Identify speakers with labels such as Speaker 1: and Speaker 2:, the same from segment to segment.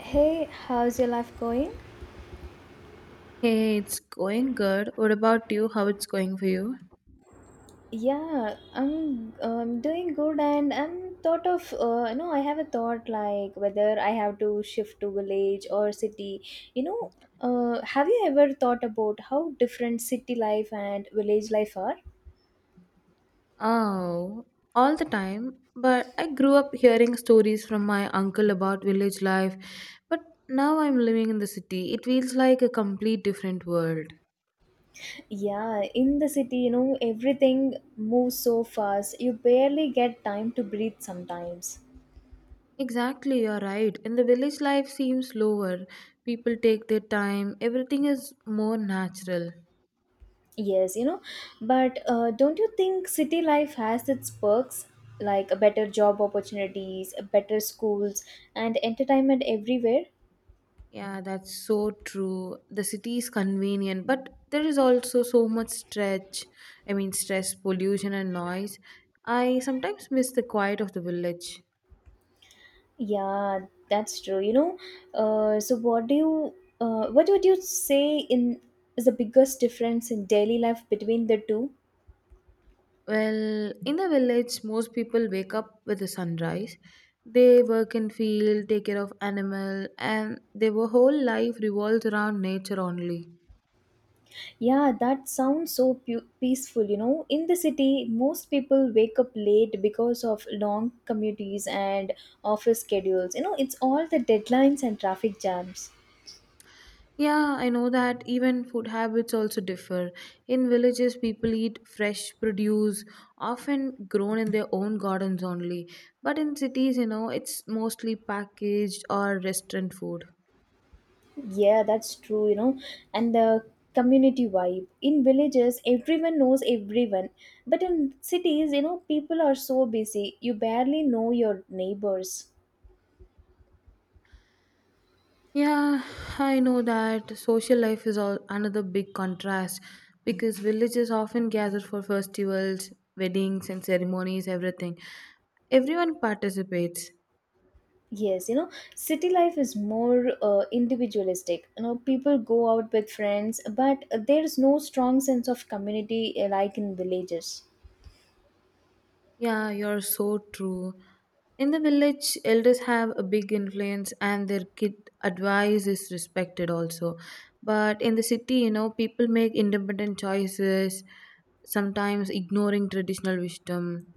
Speaker 1: Hey, how's your life going?
Speaker 2: Hey, it's going good. What about you? How it's going for you?
Speaker 1: Yeah, I'm doing good, and I'm thought of you know I have a thought like whether I have to shift to village or city. You know, have you ever thought about how different city life and village life are?
Speaker 2: Oh, all the time. But I grew up hearing stories from my uncle about village life, but now I'm living in the city. It feels like a complete different world.
Speaker 1: Yeah, in the city, you know, everything moves so fast. You barely get time to breathe sometimes.
Speaker 2: Exactly, you're right. In the village life seems slower. People take their time. Everything is more natural.
Speaker 1: Yes, you know, but don't you think city life has its perks like a better job opportunities, a better schools, and entertainment everywhere?
Speaker 2: Yeah, that's so true. The city is convenient, but there is also so much stretch. I mean, stress, pollution, and noise. I sometimes miss the quiet of the village.
Speaker 1: Yeah, that's true. You know, uh, so what do you, what would you say in is the biggest difference in daily life between the two?
Speaker 2: Well, in the village, most people wake up with the sunrise. They work in field, take care of animal, and their whole life revolves around nature only.
Speaker 1: Yeah, that sounds so peaceful, you know. In the city, most people wake up late because of long commutes and office schedules. You know, it's all the deadlines and traffic jams.
Speaker 2: Yeah, I know that even food habits also differ. In villages, people eat fresh produce, often grown in their own gardens only. But in cities, it's mostly packaged or restaurant food.
Speaker 1: Yeah, that's true, you know. And the community vibe. In villages, everyone knows everyone. But in cities, you know, people are so busy, you barely know your neighbors.
Speaker 2: Yeah, I know that social life is all another big contrast because villages often gather for festivals, weddings, and ceremonies, everything. Everyone participates.
Speaker 1: Yes, you know, city life is more individualistic. You know, people go out with friends, but there's no strong sense of community like in villages.
Speaker 2: Yeah, you're so true. In the village, elders have a big influence and their kid advice is respected also. But in the city, people make independent choices, sometimes ignoring traditional wisdom.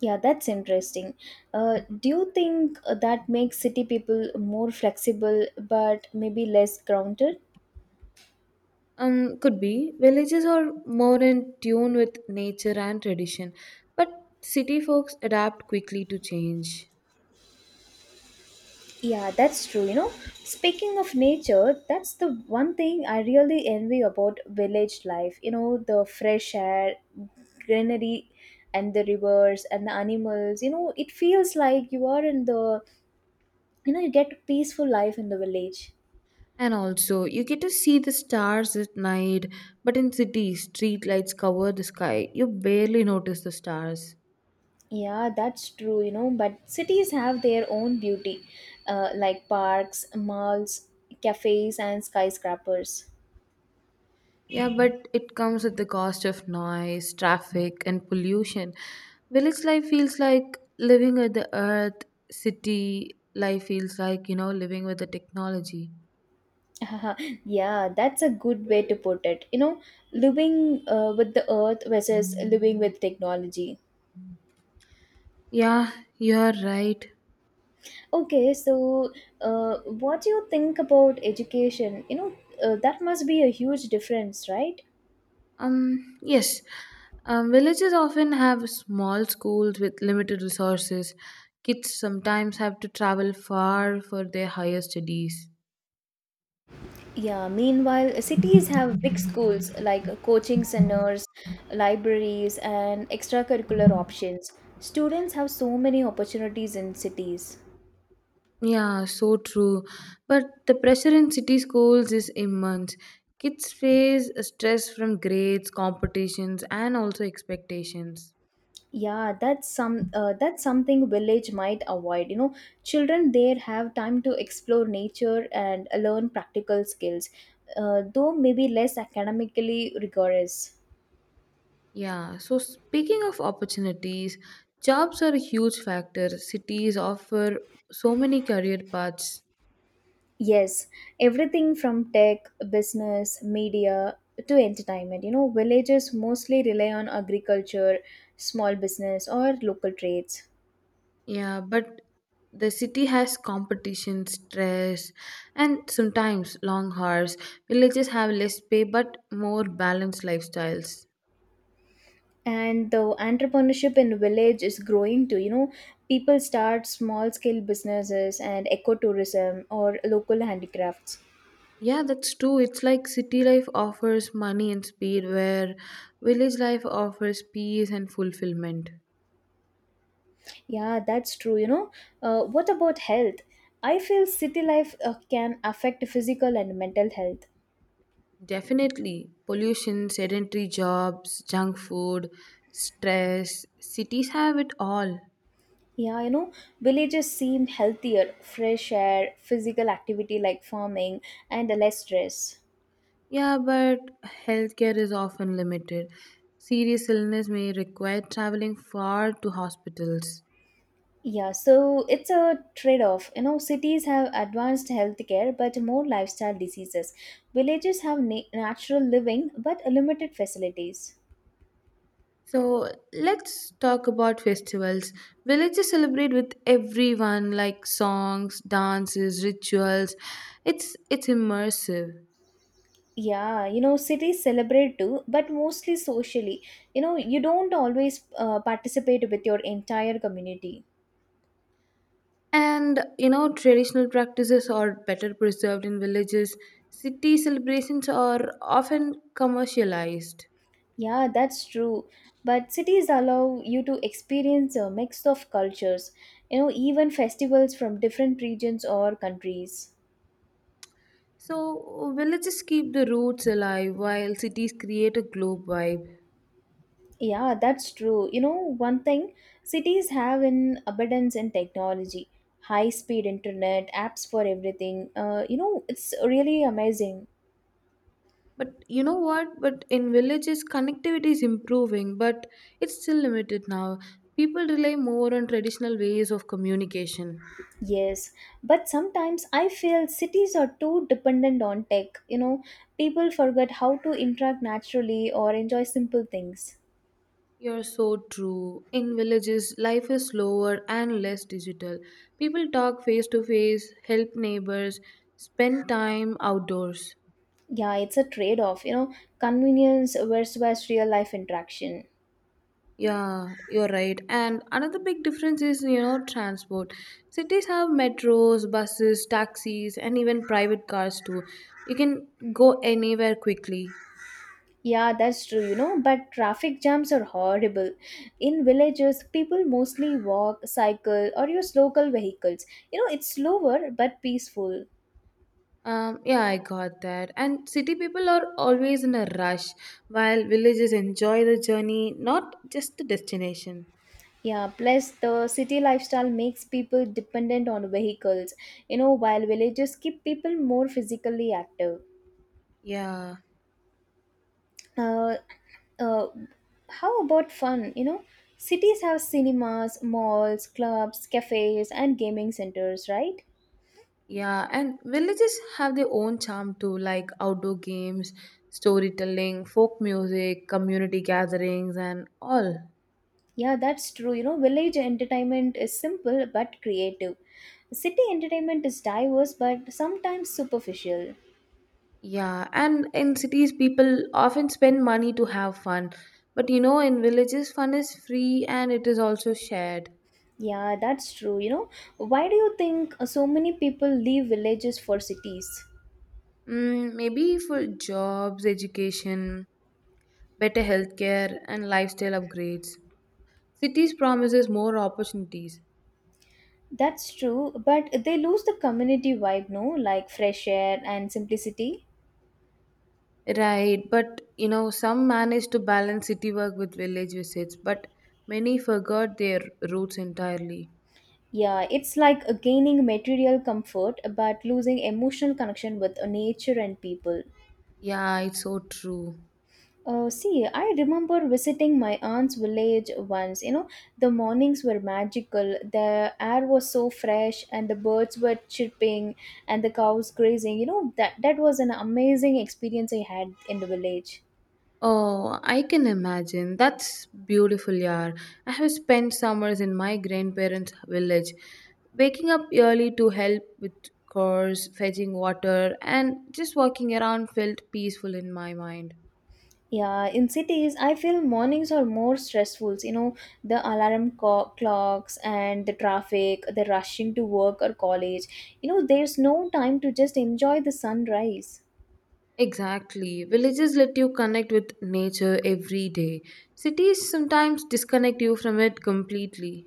Speaker 1: Yeah, that's interesting. Do you think that makes city people more flexible but maybe less grounded?
Speaker 2: Could be. Villages are more in tune with nature and tradition, but city folks adapt quickly to change.
Speaker 1: Yeah, that's true. You know, speaking of nature, that's the one thing I really envy about village life. You know, the fresh air, greenery, and the rivers and the animals. You know, it feels like you are in the, you know, you get peaceful life in the village.
Speaker 2: And also, you get to see the stars at night, but in cities, street lights cover the sky. You barely notice the stars.
Speaker 1: Yeah, that's true, you know, but cities have their own beauty, like parks, malls, cafes, and skyscrapers.
Speaker 2: Yeah, but it comes at the cost of noise, traffic, and pollution. Village life feels like living with the earth, city life feels like, living with the technology.
Speaker 1: yeah, that's a good way to put it. You know, living with the earth versus living with technology.
Speaker 2: Yeah, you're right.
Speaker 1: Okay, so what do you think about education? You know, that must be a huge difference, right?
Speaker 2: Yes, villages often have small schools with limited resources. Kids sometimes have to travel far for their higher studies.
Speaker 1: Yeah, meanwhile, cities have big schools like coaching centers, libraries, and extracurricular options. Students have so many opportunities in cities.
Speaker 2: Yeah, so true. But the pressure in city schools is immense. Kids face stress from grades, competitions, and also expectations.
Speaker 1: That's something village might avoid, you know, children there have time to explore nature and learn practical skills, though maybe less academically rigorous.
Speaker 2: Yeah, so speaking of opportunities, jobs are a huge factor. Cities offer so many career paths.
Speaker 1: Yes, everything from tech, business, media to entertainment. You know, villages mostly rely on agriculture, small business, or local trades.
Speaker 2: Yeah, but the city has competition, stress, and sometimes long hours. Villages have less pay but more balanced lifestyles.
Speaker 1: And the entrepreneurship in village is growing too, you know, people start small scale businesses and ecotourism or local handicrafts.
Speaker 2: Yeah, that's true. It's like city life offers money and speed, where village life offers peace and fulfillment.
Speaker 1: Yeah, that's true, you know. What about health? I feel city life can affect physical and mental health.
Speaker 2: Definitely. Pollution, sedentary jobs, junk food, stress. Cities have it all.
Speaker 1: Yeah, you know, villages seem healthier, fresh air, physical activity like farming, and less stress.
Speaker 2: Yeah, but healthcare is often limited. Serious illness may require traveling far to hospitals.
Speaker 1: Yeah, so it's a trade off. You know, cities have advanced healthcare but more lifestyle diseases. Villages have natural living but limited facilities.
Speaker 2: So let's talk about festivals. Villages celebrate with everyone, like songs, dances, rituals. It's immersive.
Speaker 1: Yeah, you know, cities celebrate too, but mostly socially. You know, you don't always participate with your entire community.
Speaker 2: And traditional practices are better preserved in villages. City celebrations are often commercialized.
Speaker 1: Yeah, that's true. But cities allow you to experience a mix of cultures, you know, even festivals from different regions or countries.
Speaker 2: So villages keep the roots alive while cities create a globe vibe.
Speaker 1: Yeah, that's true. You know, one thing cities have in abundance in technology, high speed internet, apps for everything. You know, it's really amazing.
Speaker 2: But you know what? But in villages, connectivity is improving, but it's still limited now. People rely more on traditional ways of communication.
Speaker 1: Yes, but sometimes I feel cities are too dependent on tech. You know, people forget how to interact naturally or enjoy simple things.
Speaker 2: You're so true. In villages, life is slower and less digital. People talk face to face, help neighbors, spend time outdoors.
Speaker 1: Yeah, it's a trade off, you know, convenience versus real life interaction.
Speaker 2: Yeah, you're right. And another big difference is, transport. Cities have metros, buses, taxis, and even private cars too. You can go anywhere quickly.
Speaker 1: Yeah, that's true, you know, but traffic jams are horrible. In villages, people mostly walk, cycle, or use local vehicles. You know, it's slower but peaceful.
Speaker 2: Yeah, I got that. And city people are always in a rush, while villages enjoy the journey, not just the destination.
Speaker 1: Yeah, plus the city lifestyle makes people dependent on vehicles, you know, while villages keep people more physically active.
Speaker 2: Yeah,
Speaker 1: Uh, uh, how about fun? You know, cities have cinemas, malls, clubs, cafes, and gaming centers, right?
Speaker 2: yeah, and villages have their own charm too, like outdoor games, storytelling, folk music, community gatherings, and all.
Speaker 1: Yeah, that's true. You know, village entertainment is simple but creative. City entertainment is diverse but sometimes superficial.
Speaker 2: Yeah, and in cities, people often spend money to have fun. But in villages, fun is free and it is also shared.
Speaker 1: Yeah, that's true. You know, why do you think so many people leave villages for cities?
Speaker 2: Mm, maybe for jobs, education, better healthcare, and lifestyle upgrades. Cities promises more opportunities.
Speaker 1: That's true, but they lose the community vibe, no? Like fresh air and simplicity.
Speaker 2: Right, but some manage to balance city work with village visits, but many forgot their roots entirely.
Speaker 1: Yeah, it's like gaining material comfort but losing emotional connection with nature and people.
Speaker 2: Yeah, it's so true.
Speaker 1: See, I remember visiting my aunt's village once. You know, the mornings were magical. The air was so fresh, and the birds were chirping, and the cows grazing. You know, that was an amazing experience I had in the village.
Speaker 2: Oh, I can imagine. That's beautiful, yaar. I have spent summers in my grandparents' village, waking up early to help with chores, fetching water, and just walking around felt peaceful in my mind.
Speaker 1: Yeah, in cities, I feel mornings are more stressful. You know, the alarm clocks and the traffic, the rushing to work or college. You know, there's no time to just enjoy the sunrise.
Speaker 2: Exactly. Villages let you connect with nature every day. Cities sometimes disconnect you from it completely.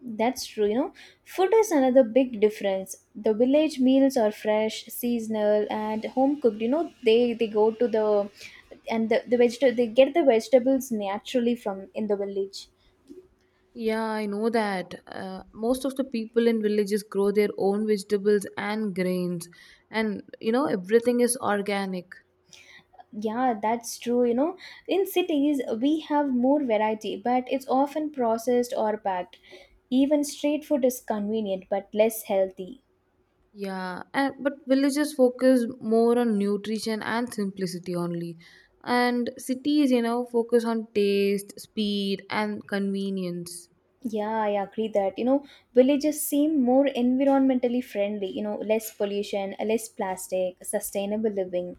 Speaker 1: That's true, you know. Food is another big difference. The village meals are fresh, seasonal, and home cooked. You know, they go to the and the, the vegetable they get the vegetables naturally from in the village.
Speaker 2: Yeah, I know that. Most of the people in villages grow their own vegetables and grains, and everything is organic.
Speaker 1: Yeah, that's true, you know. In cities we have more variety, but it's often processed or packed. Even street food is convenient but less healthy.
Speaker 2: Yeah, and, but villages focus more on nutrition and simplicity only. And cities, focus on taste, speed, and convenience.
Speaker 1: Yeah, I agree that, you know, villages seem more environmentally friendly, you know, less pollution, less plastic, sustainable living.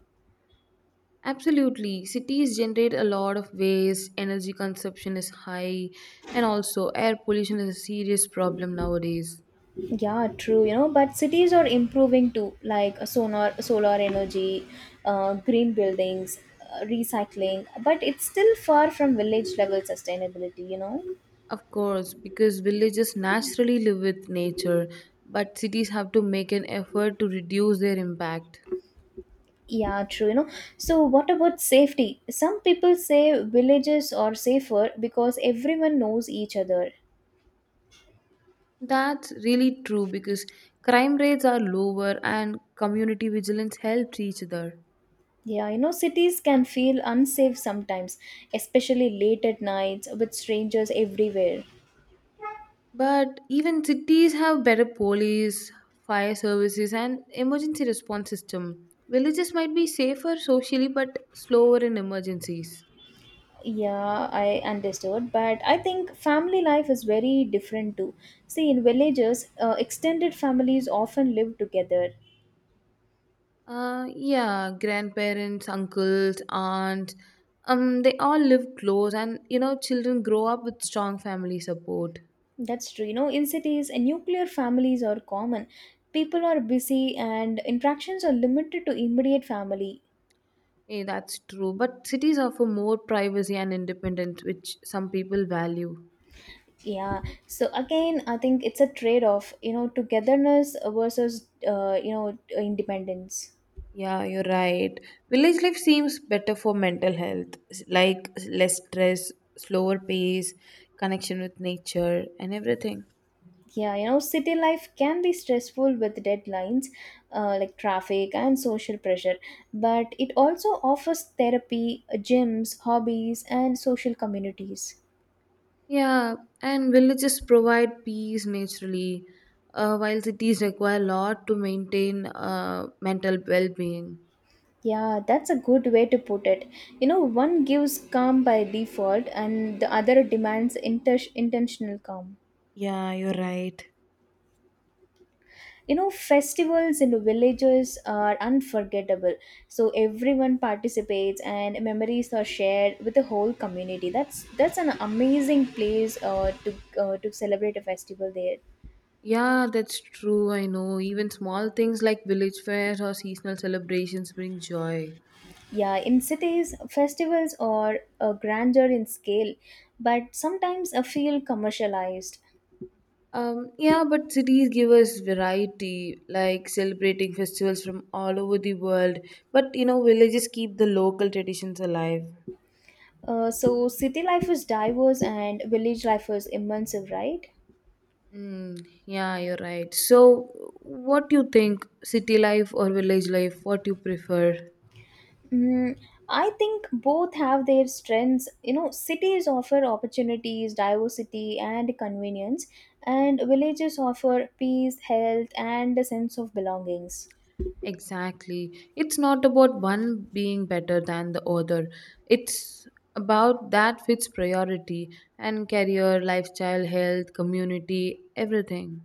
Speaker 2: Absolutely. Cities generate a lot of waste, energy consumption is high, and also air pollution is a serious problem nowadays.
Speaker 1: Yeah, true, you know, but cities are improving too, like solar energy, green buildings, recycling, but it's still far from village level sustainability, you know.
Speaker 2: Of course, because villages naturally live with nature, but cities have to make an effort to reduce their impact.
Speaker 1: Yeah, true, you know. So what about safety? Some people say villages are safer because everyone knows each other.
Speaker 2: That's really true because crime rates are lower and community vigilance helps each other.
Speaker 1: Yeah, you know, cities can feel unsafe sometimes, especially late at nights with strangers everywhere.
Speaker 2: But even cities have better police, fire services, and emergency response system. Villages might be safer socially but slower in emergencies.
Speaker 1: Yeah, I understood, but I think family life is very different too. See, in villages, extended families often live together.
Speaker 2: Yeah, grandparents, uncles, aunt, they all live close, and children grow up with strong family support.
Speaker 1: That's true. You know, in cities, nuclear families are common. People are busy and interactions are limited to immediate family.
Speaker 2: Hey, that's true. But cities offer more privacy and independence, which some people value.
Speaker 1: Yeah, so again, I think it's a trade off, you know, togetherness versus, you know, independence.
Speaker 2: Yeah, you're right. Village life seems better for mental health, like less stress, slower pace, connection with nature, and everything.
Speaker 1: Yeah, you know, city life can be stressful with deadlines, like traffic and social pressure, but it also offers therapy, gyms, hobbies, and social communities.
Speaker 2: Yeah, and villages provide peace naturally, while cities require a lot to maintain mental well being.
Speaker 1: Yeah, that's a good way to put it. You know, one gives calm by default, and the other demands intentional calm.
Speaker 2: Yeah, you're right.
Speaker 1: You know, festivals in the villages are unforgettable, so everyone participates and memories are shared with the whole community. That's an amazing place to celebrate a festival there.
Speaker 2: Yeah, that's true. I know. Even small things like village fairs or seasonal celebrations bring joy.
Speaker 1: Yeah, in cities festivals are grander in scale, but sometimes I feel commercialized.
Speaker 2: Yeah, but cities give us variety, like celebrating festivals from all over the world. But villages keep the local traditions alive.
Speaker 1: So city life is diverse and village life is immersive, right?
Speaker 2: Mm, yeah, you're right. So, what do you think, city life or village life? What you prefer?
Speaker 1: Mm, I think both have their strengths. You know, cities offer opportunities, diversity, and convenience, and villages offer peace, health, and a sense of belongings.
Speaker 2: Exactly. It's not about one being better than the other. It's about that fits priority and career, lifestyle, health, community, everything.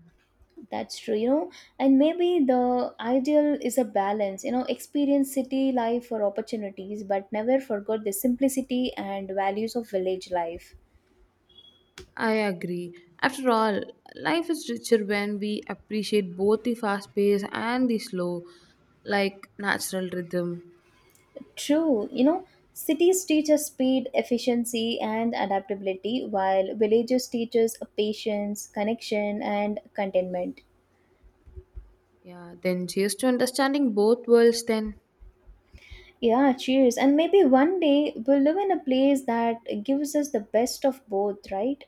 Speaker 1: That's true, you know, and maybe the ideal is a balance, you know, experience city life for opportunities, but never forget the simplicity and values of village life.
Speaker 2: I agree. After all, life is richer when we appreciate both the fast pace and the slow, like natural rhythm.
Speaker 1: True, you know, cities teach us speed, efficiency, and adaptability, while villages teach us patience, connection, and contentment.
Speaker 2: Yeah, then cheers to understanding both worlds then.
Speaker 1: Yeah, cheers. And maybe one day we'll live in a place that gives us the best of both, right?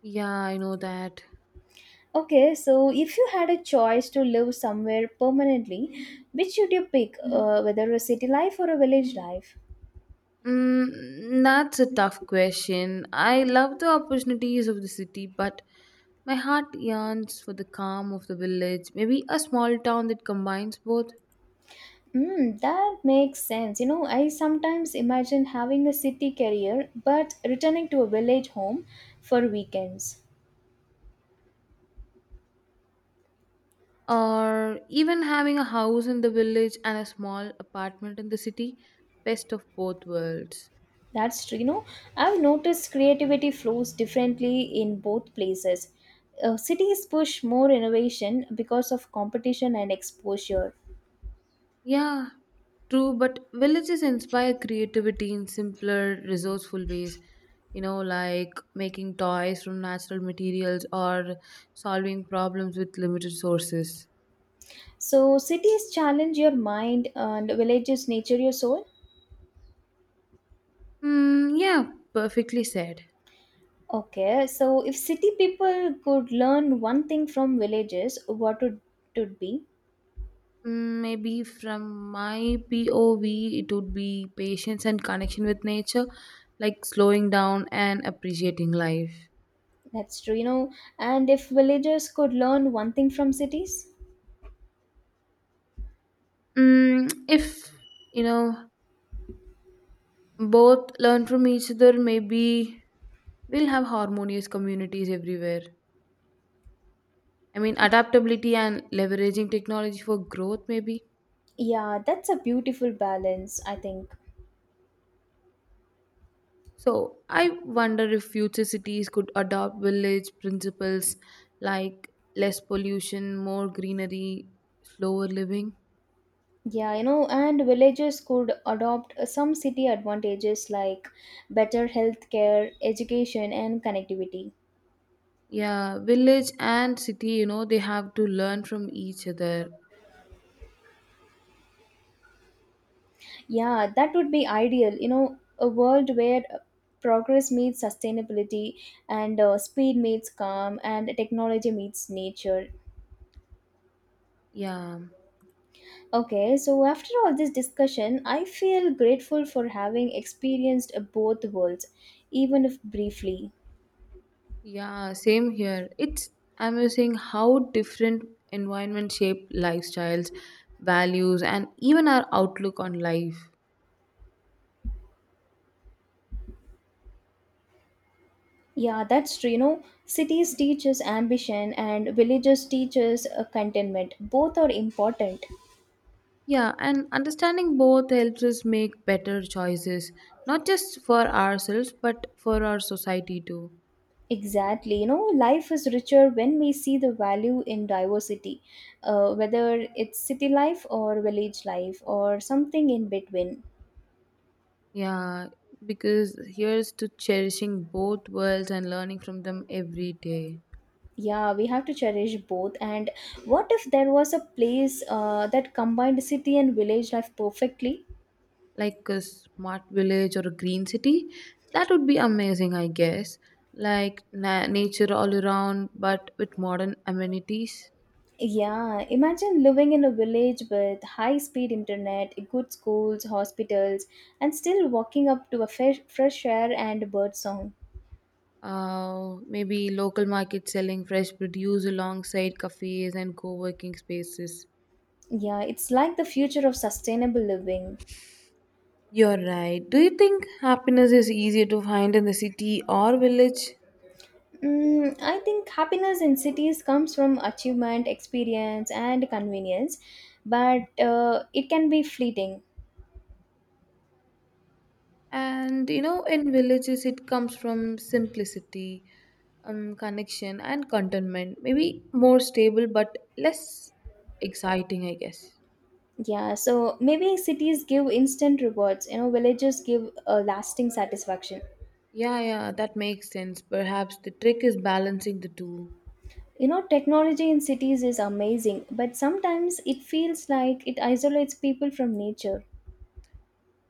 Speaker 2: Yeah, I know that.
Speaker 1: Okay, so if you had a choice to live somewhere permanently, which would you pick, whether a city life or a village life?
Speaker 2: Mm, that's a tough question. I love the opportunities of the city, but my heart yearns for the calm of the village. Maybe a small town that combines both,
Speaker 1: Mm, that makes sense. You know, I sometimes imagine having a city career but returning to a village home for weekends.
Speaker 2: or even having a house in the village and a small apartment in the city. Best of both worlds.
Speaker 1: That's true. You know, I've noticed creativity flows differently in both places. Cities push more innovation because of competition and exposure.
Speaker 2: Yeah, true, but villages inspire creativity in simpler, resourceful ways, like making toys from natural materials or solving problems with limited sources.
Speaker 1: So, cities challenge your mind and villages nature your soul.
Speaker 2: Mm, yeah, perfectly said.
Speaker 1: Okay, so if city people could learn one thing from villages, what would it be?
Speaker 2: Mm, maybe from my POV, it would be patience and connection with nature, like slowing down and appreciating life.
Speaker 1: That's true, you know. And if villagers could learn one thing from cities,
Speaker 2: Mm, if, you know, both learn from each other, maybe we'll have harmonious communities everywhere. I mean, adaptability and leveraging technology for growth, maybe.
Speaker 1: yeah, that's a beautiful balance, I think.
Speaker 2: So, I wonder if future cities could adopt village principles like less pollution, more greenery, slower living.
Speaker 1: Yeah, you know, and villagers could adopt some city advantages like better healthcare, education, and connectivity.
Speaker 2: Yeah, village and city, they have to learn from each other.
Speaker 1: Yeah, that would be ideal, you know, a world where progress meets sustainability and speed meets calm and technology meets nature.
Speaker 2: Yeah,
Speaker 1: Okay, so after all this discussion, I feel grateful for having experienced both worlds, even if briefly.
Speaker 2: yeah, same here. It's amazing how different environment shape lifestyles, values, and even our outlook on life.
Speaker 1: Yeah, that's true. You know, cities teach us ambition and villages teach us contentment. Both are important.
Speaker 2: Yeah, and understanding both helps us make better choices, not just for ourselves, but for our society too.
Speaker 1: Exactly. You know, life is richer when we see the value in diversity, whether it's city life or village life or something in between.
Speaker 2: Yeah, because here's to cherishing both worlds and learning from them every day.
Speaker 1: Yeah, we have to cherish both. And what if there was a place that combined city and village life perfectly?
Speaker 2: Like a smart village or a green city, that would be amazing, I guess. Like nature all around, but with modern amenities.
Speaker 1: Yeah, imagine living in a village with high speed internet, good schools, hospitals, and still walking up to a fresh air and bird song.
Speaker 2: Maybe local markets selling fresh produce alongside cafes and co working spaces.
Speaker 1: Yeah, it's like the future of sustainable living.
Speaker 2: You're right. Do you think happiness is easier to find in the city or village?
Speaker 1: Mm, I think happiness in cities comes from achievement, experience, and convenience, but it can be fleeting.
Speaker 2: And in villages, it comes from simplicity, connection, and contentment. Maybe more stable, but less exciting, I guess.
Speaker 1: Yeah, so maybe cities give instant rewards, you know, villages give a lasting satisfaction.
Speaker 2: Yeah, yeah, that makes sense. Perhaps the trick is balancing the two.
Speaker 1: You know, technology in cities is amazing, but sometimes it feels like it isolates people from nature.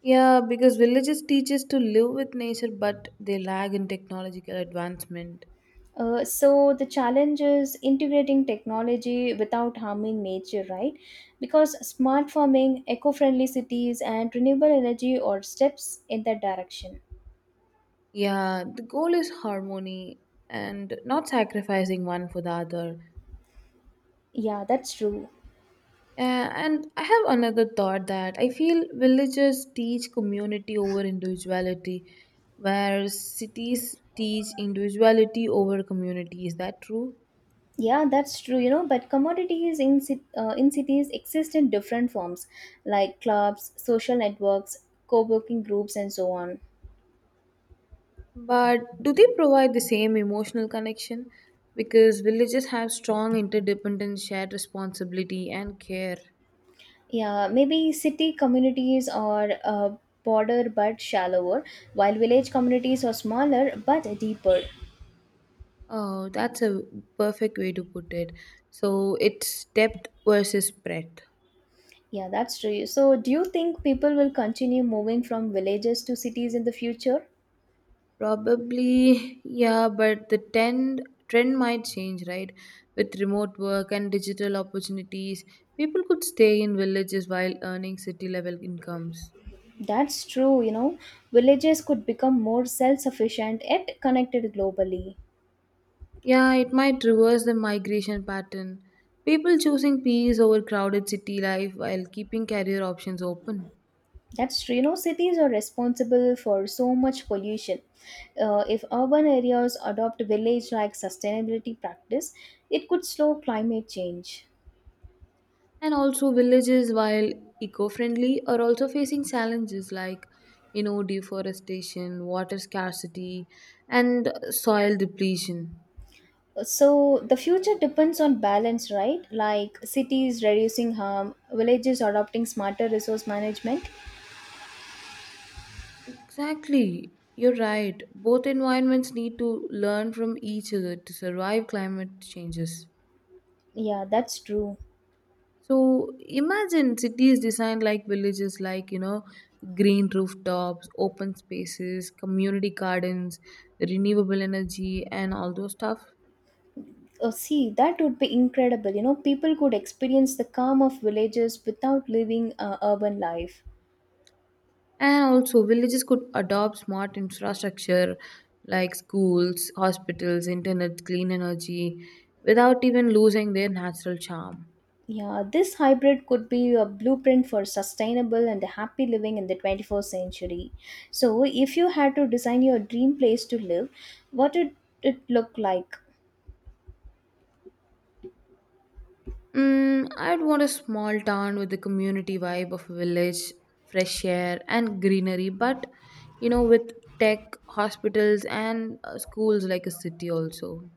Speaker 2: Yeah, because villages teach us to live with nature, but they lag in technological advancement.
Speaker 1: So the challenge is integrating technology without harming nature, right? Because smart farming, eco friendly cities, and renewable energy are steps in that direction.
Speaker 2: Yeah, the goal is harmony and not sacrificing one for the other.
Speaker 1: Yeah, that's true.
Speaker 2: And I have another thought that I feel villages teach community over individuality, where cities teach individuality over community. Is that true?
Speaker 1: Yeah, that's true, you know, but commodities in, in cities exist in different forms like clubs, social networks, co working groups, and so on.
Speaker 2: But do they provide the same emotional connection? Because villages have strong interdependent shared responsibility and care.
Speaker 1: Yeah, maybe city communities are broader but shallower, while village communities are smaller but deeper.
Speaker 2: Oh, that's a perfect way to put it. So it's depth versus breadth.
Speaker 1: Yeah, that's true. So, do you think people will continue moving from villages to cities in the future?
Speaker 2: Probably, yeah, but the trend might change, right? With remote work and digital opportunities, people could stay in villages while earning city level incomes.
Speaker 1: That's true, you know, villages could become more self sufficient yet connected globally.
Speaker 2: Yeah, it might reverse the migration pattern. People choosing peace over crowded city life while keeping career options open.
Speaker 1: That's true. You know, cities are responsible for so much pollution. If urban areas adopt village-like sustainability practice, it could slow climate change.
Speaker 2: And also villages while eco-friendly are also facing challenges like deforestation, water scarcity, and soil depletion.
Speaker 1: So the future depends on balance, right? Like cities reducing harm, villages adopting smarter resource management.
Speaker 2: Exactly, you're right, both environments need to learn from each other to survive climate changes.
Speaker 1: Yeah, that's true.
Speaker 2: So imagine cities designed like villages, like, green rooftops, open spaces, community gardens, renewable energy, and all those stuff.
Speaker 1: Oh, see, that would be incredible. You know, people could experience the calm of villages without living urban life.
Speaker 2: And also, villages could adopt smart infrastructure like schools, hospitals, internet, clean energy without even losing their natural charm.
Speaker 1: Yeah, this hybrid could be a blueprint for sustainable and happy living in the 21st century. So, if you had to design your dream place to live, what would it look like?
Speaker 2: Mm, I'd want a small town with the community vibe of a village, fresh air, and greenery, but with tech, hospitals, and schools like a city also.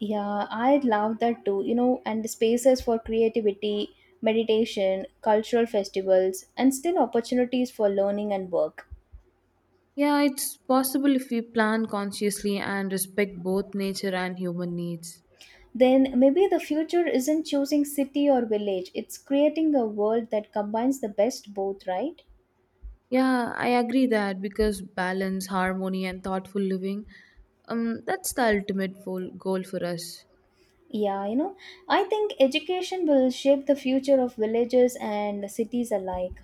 Speaker 1: Yeah, I love that too, you know, and the spaces for creativity, meditation, cultural festivals, and still opportunities for learning and work.
Speaker 2: Yeah, it's possible if we plan consciously and respect both nature and human needs.
Speaker 1: Then maybe the future isn't choosing city or village, it's creating a world that combines the best both, right?
Speaker 2: Yeah, I agree that because balance, harmony, and thoughtful living, that's the ultimate goal for us.
Speaker 1: Yeah, you know, I think education will shape the future of villages and cities alike.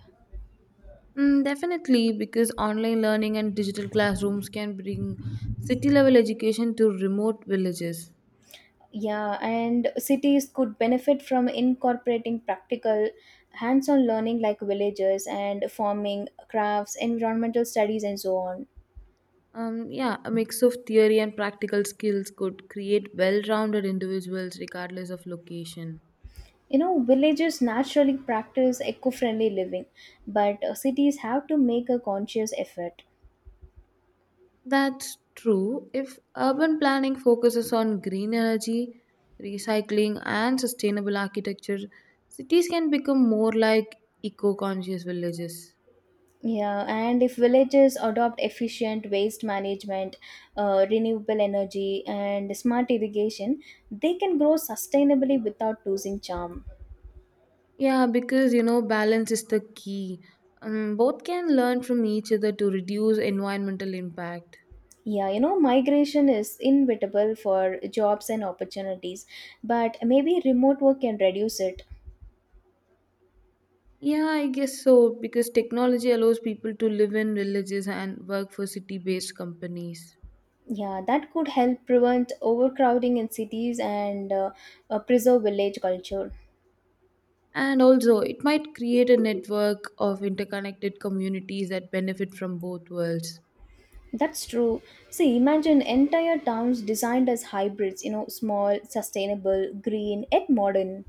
Speaker 2: Mm, definitely, because online learning and digital classrooms can bring city level education to remote villages.
Speaker 1: Yeah, and cities could benefit from incorporating practical hands on learning like villages and farming, crafts, environmental studies, and so on.
Speaker 2: Yeah, a mix of theory and practical skills could create well rounded individuals regardless of location.
Speaker 1: You know, villages naturally practice eco friendly living, but cities have to make a conscious effort.
Speaker 2: That's true. If urban planning focuses on green energy, recycling, and sustainable architecture, cities can become more like eco conscious villages.
Speaker 1: Yeah, and if villages adopt efficient waste management, renewable energy, and smart irrigation, they can grow sustainably without losing charm.
Speaker 2: Yeah, because balance is the key. Both can learn from each other to reduce environmental impact.
Speaker 1: Yeah, you know, migration is inevitable for jobs and opportunities, but maybe remote work can reduce it.
Speaker 2: Yeah, I guess so, because technology allows people to live in villages and work for city based companies.
Speaker 1: Yeah, that could help prevent overcrowding in cities and preserve village culture.
Speaker 2: And also, it might create a network of interconnected communities that benefit from both worlds,
Speaker 1: That's true. See, imagine entire towns designed as hybrids, you know, small, sustainable, green, yet modern.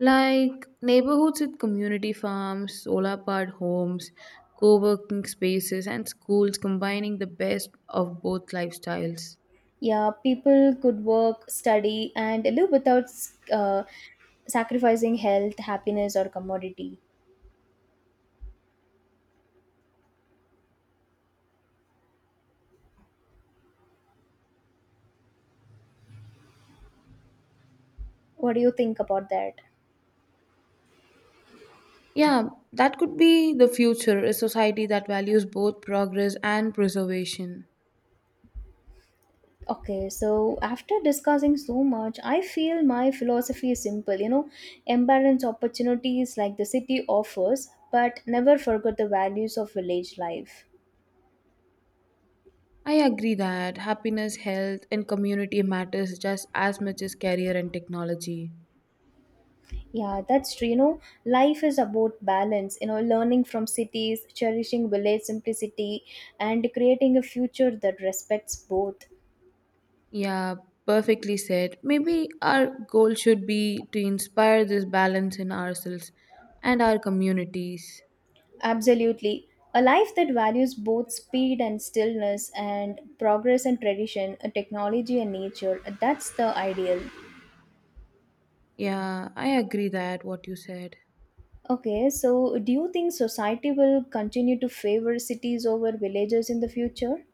Speaker 2: like neighborhoods with community farms, solar powered homes, co working spaces, and schools combining the best of both lifestyles.
Speaker 1: Yeah, people could work, study, and live without uh, sacrificing health, happiness, or commodity. What do you think about that?
Speaker 2: Yeah, that could be the future a society that values both progress and preservation.
Speaker 1: Okay, so after discussing so much, I feel my philosophy is simple. You know, embrace opportunities like the city offers, but never forget the values of village life.
Speaker 2: I agree that happiness, health, and community matters just as much as career and technology.
Speaker 1: Yeah, that's true. You know, life is about balance, you know, learning from cities, cherishing village simplicity, and creating a future that respects both.
Speaker 2: Yeah, perfectly said. Maybe our goal should be to inspire this balance in ourselves and our communities.
Speaker 1: Absolutely. A life that values both speed and stillness, and progress and tradition, technology and nature. That's the ideal.
Speaker 2: Yeah, I agree that what you said.
Speaker 1: Okay, so do you think society will continue to favor cities over villages in the future?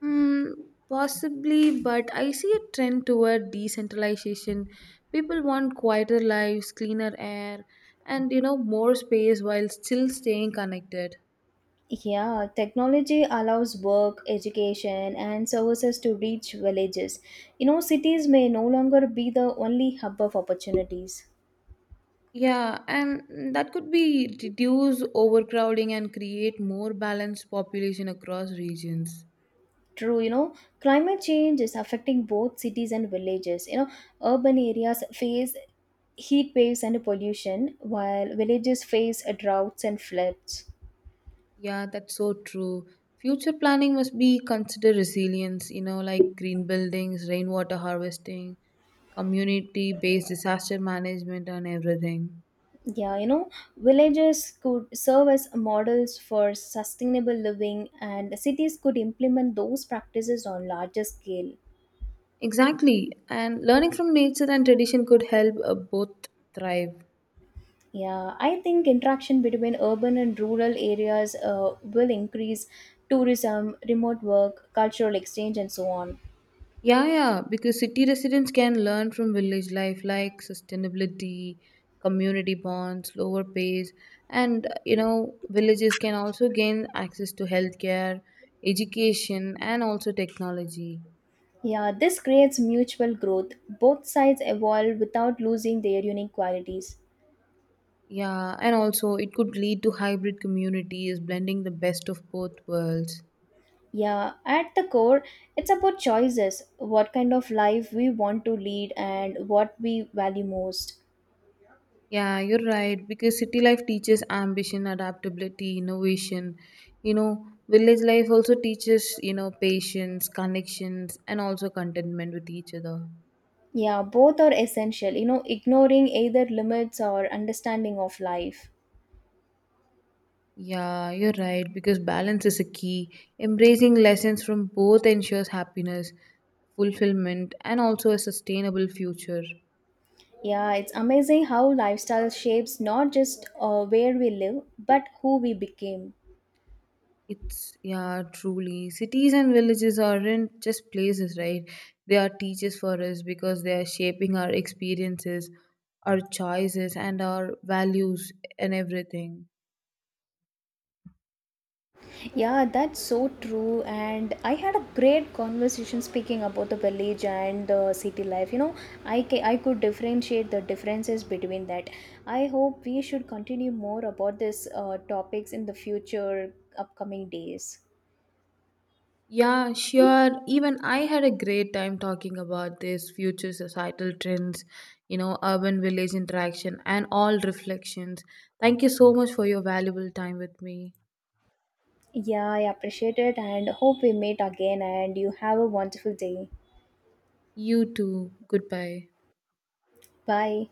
Speaker 2: Mm, possibly, but I see a trend toward decentralization. People want quieter lives, cleaner air, and more space while still staying connected.
Speaker 1: Yeah, technology allows work, education, and services to reach villages. You know, cities may no longer be the only hub of opportunities.
Speaker 2: Yeah, and that could be reduce overcrowding and create more balanced population across regions.
Speaker 1: True, you know, climate change is affecting both cities and villages. You know, urban areas face heat waves and pollution, while villages face droughts and floods.
Speaker 2: Yeah, that's so true. Future planning must be consider resilience, like green buildings, rainwater harvesting, community based disaster management, and everything.
Speaker 1: Yeah, you know, villages could serve as models for sustainable living, and cities could implement those practices on larger scale.
Speaker 2: Exactly. And learning from nature and tradition could help both thrive.
Speaker 1: Yeah, I think interaction between urban and rural areas will increase tourism, remote work, cultural exchange, and so on.
Speaker 2: Yeah, yeah, because city residents can learn from village life like sustainability, community bonds, lower pays, and villages can also gain access to healthcare, education, and also technology.
Speaker 1: Yeah, this creates mutual growth. Both sides evolve without losing their unique qualities.
Speaker 2: Yeah, and also it could lead to hybrid communities blending the best of both worlds.
Speaker 1: Yeah, at the core, it's about choices what kind of life we want to lead and what we value most.
Speaker 2: Yeah, you're right. Because city life teaches ambition, adaptability, innovation. Village life also teaches, patience, connections, and also contentment with each other.
Speaker 1: Yeah, both are essential, you know, ignoring either limits or understanding of life.
Speaker 2: Yeah, you're right. Because balance is a key. Embracing lessons from both ensures happiness, fulfillment, and also a sustainable future.
Speaker 1: Yeah, it's amazing how lifestyle shapes not just where we live, but who we became.
Speaker 2: It's yeah, truly. Cities and villages aren't just places, right? They are teachers for us because they are shaping our experiences, our choices, and our values and everything.
Speaker 1: Yeah, that's so true. And I had a great conversation speaking about the village and the city life. You know, I could differentiate the differences between that. I hope we should continue more about this topics in the future upcoming days.
Speaker 2: Yeah, sure. Even I had a great time talking about this future societal trends, urban village interaction, and all reflections. Thank you so much for your valuable time with me.
Speaker 1: Yeah, I appreciate it and hope we meet again and you have a wonderful day.
Speaker 2: You too. Goodbye.
Speaker 1: Bye.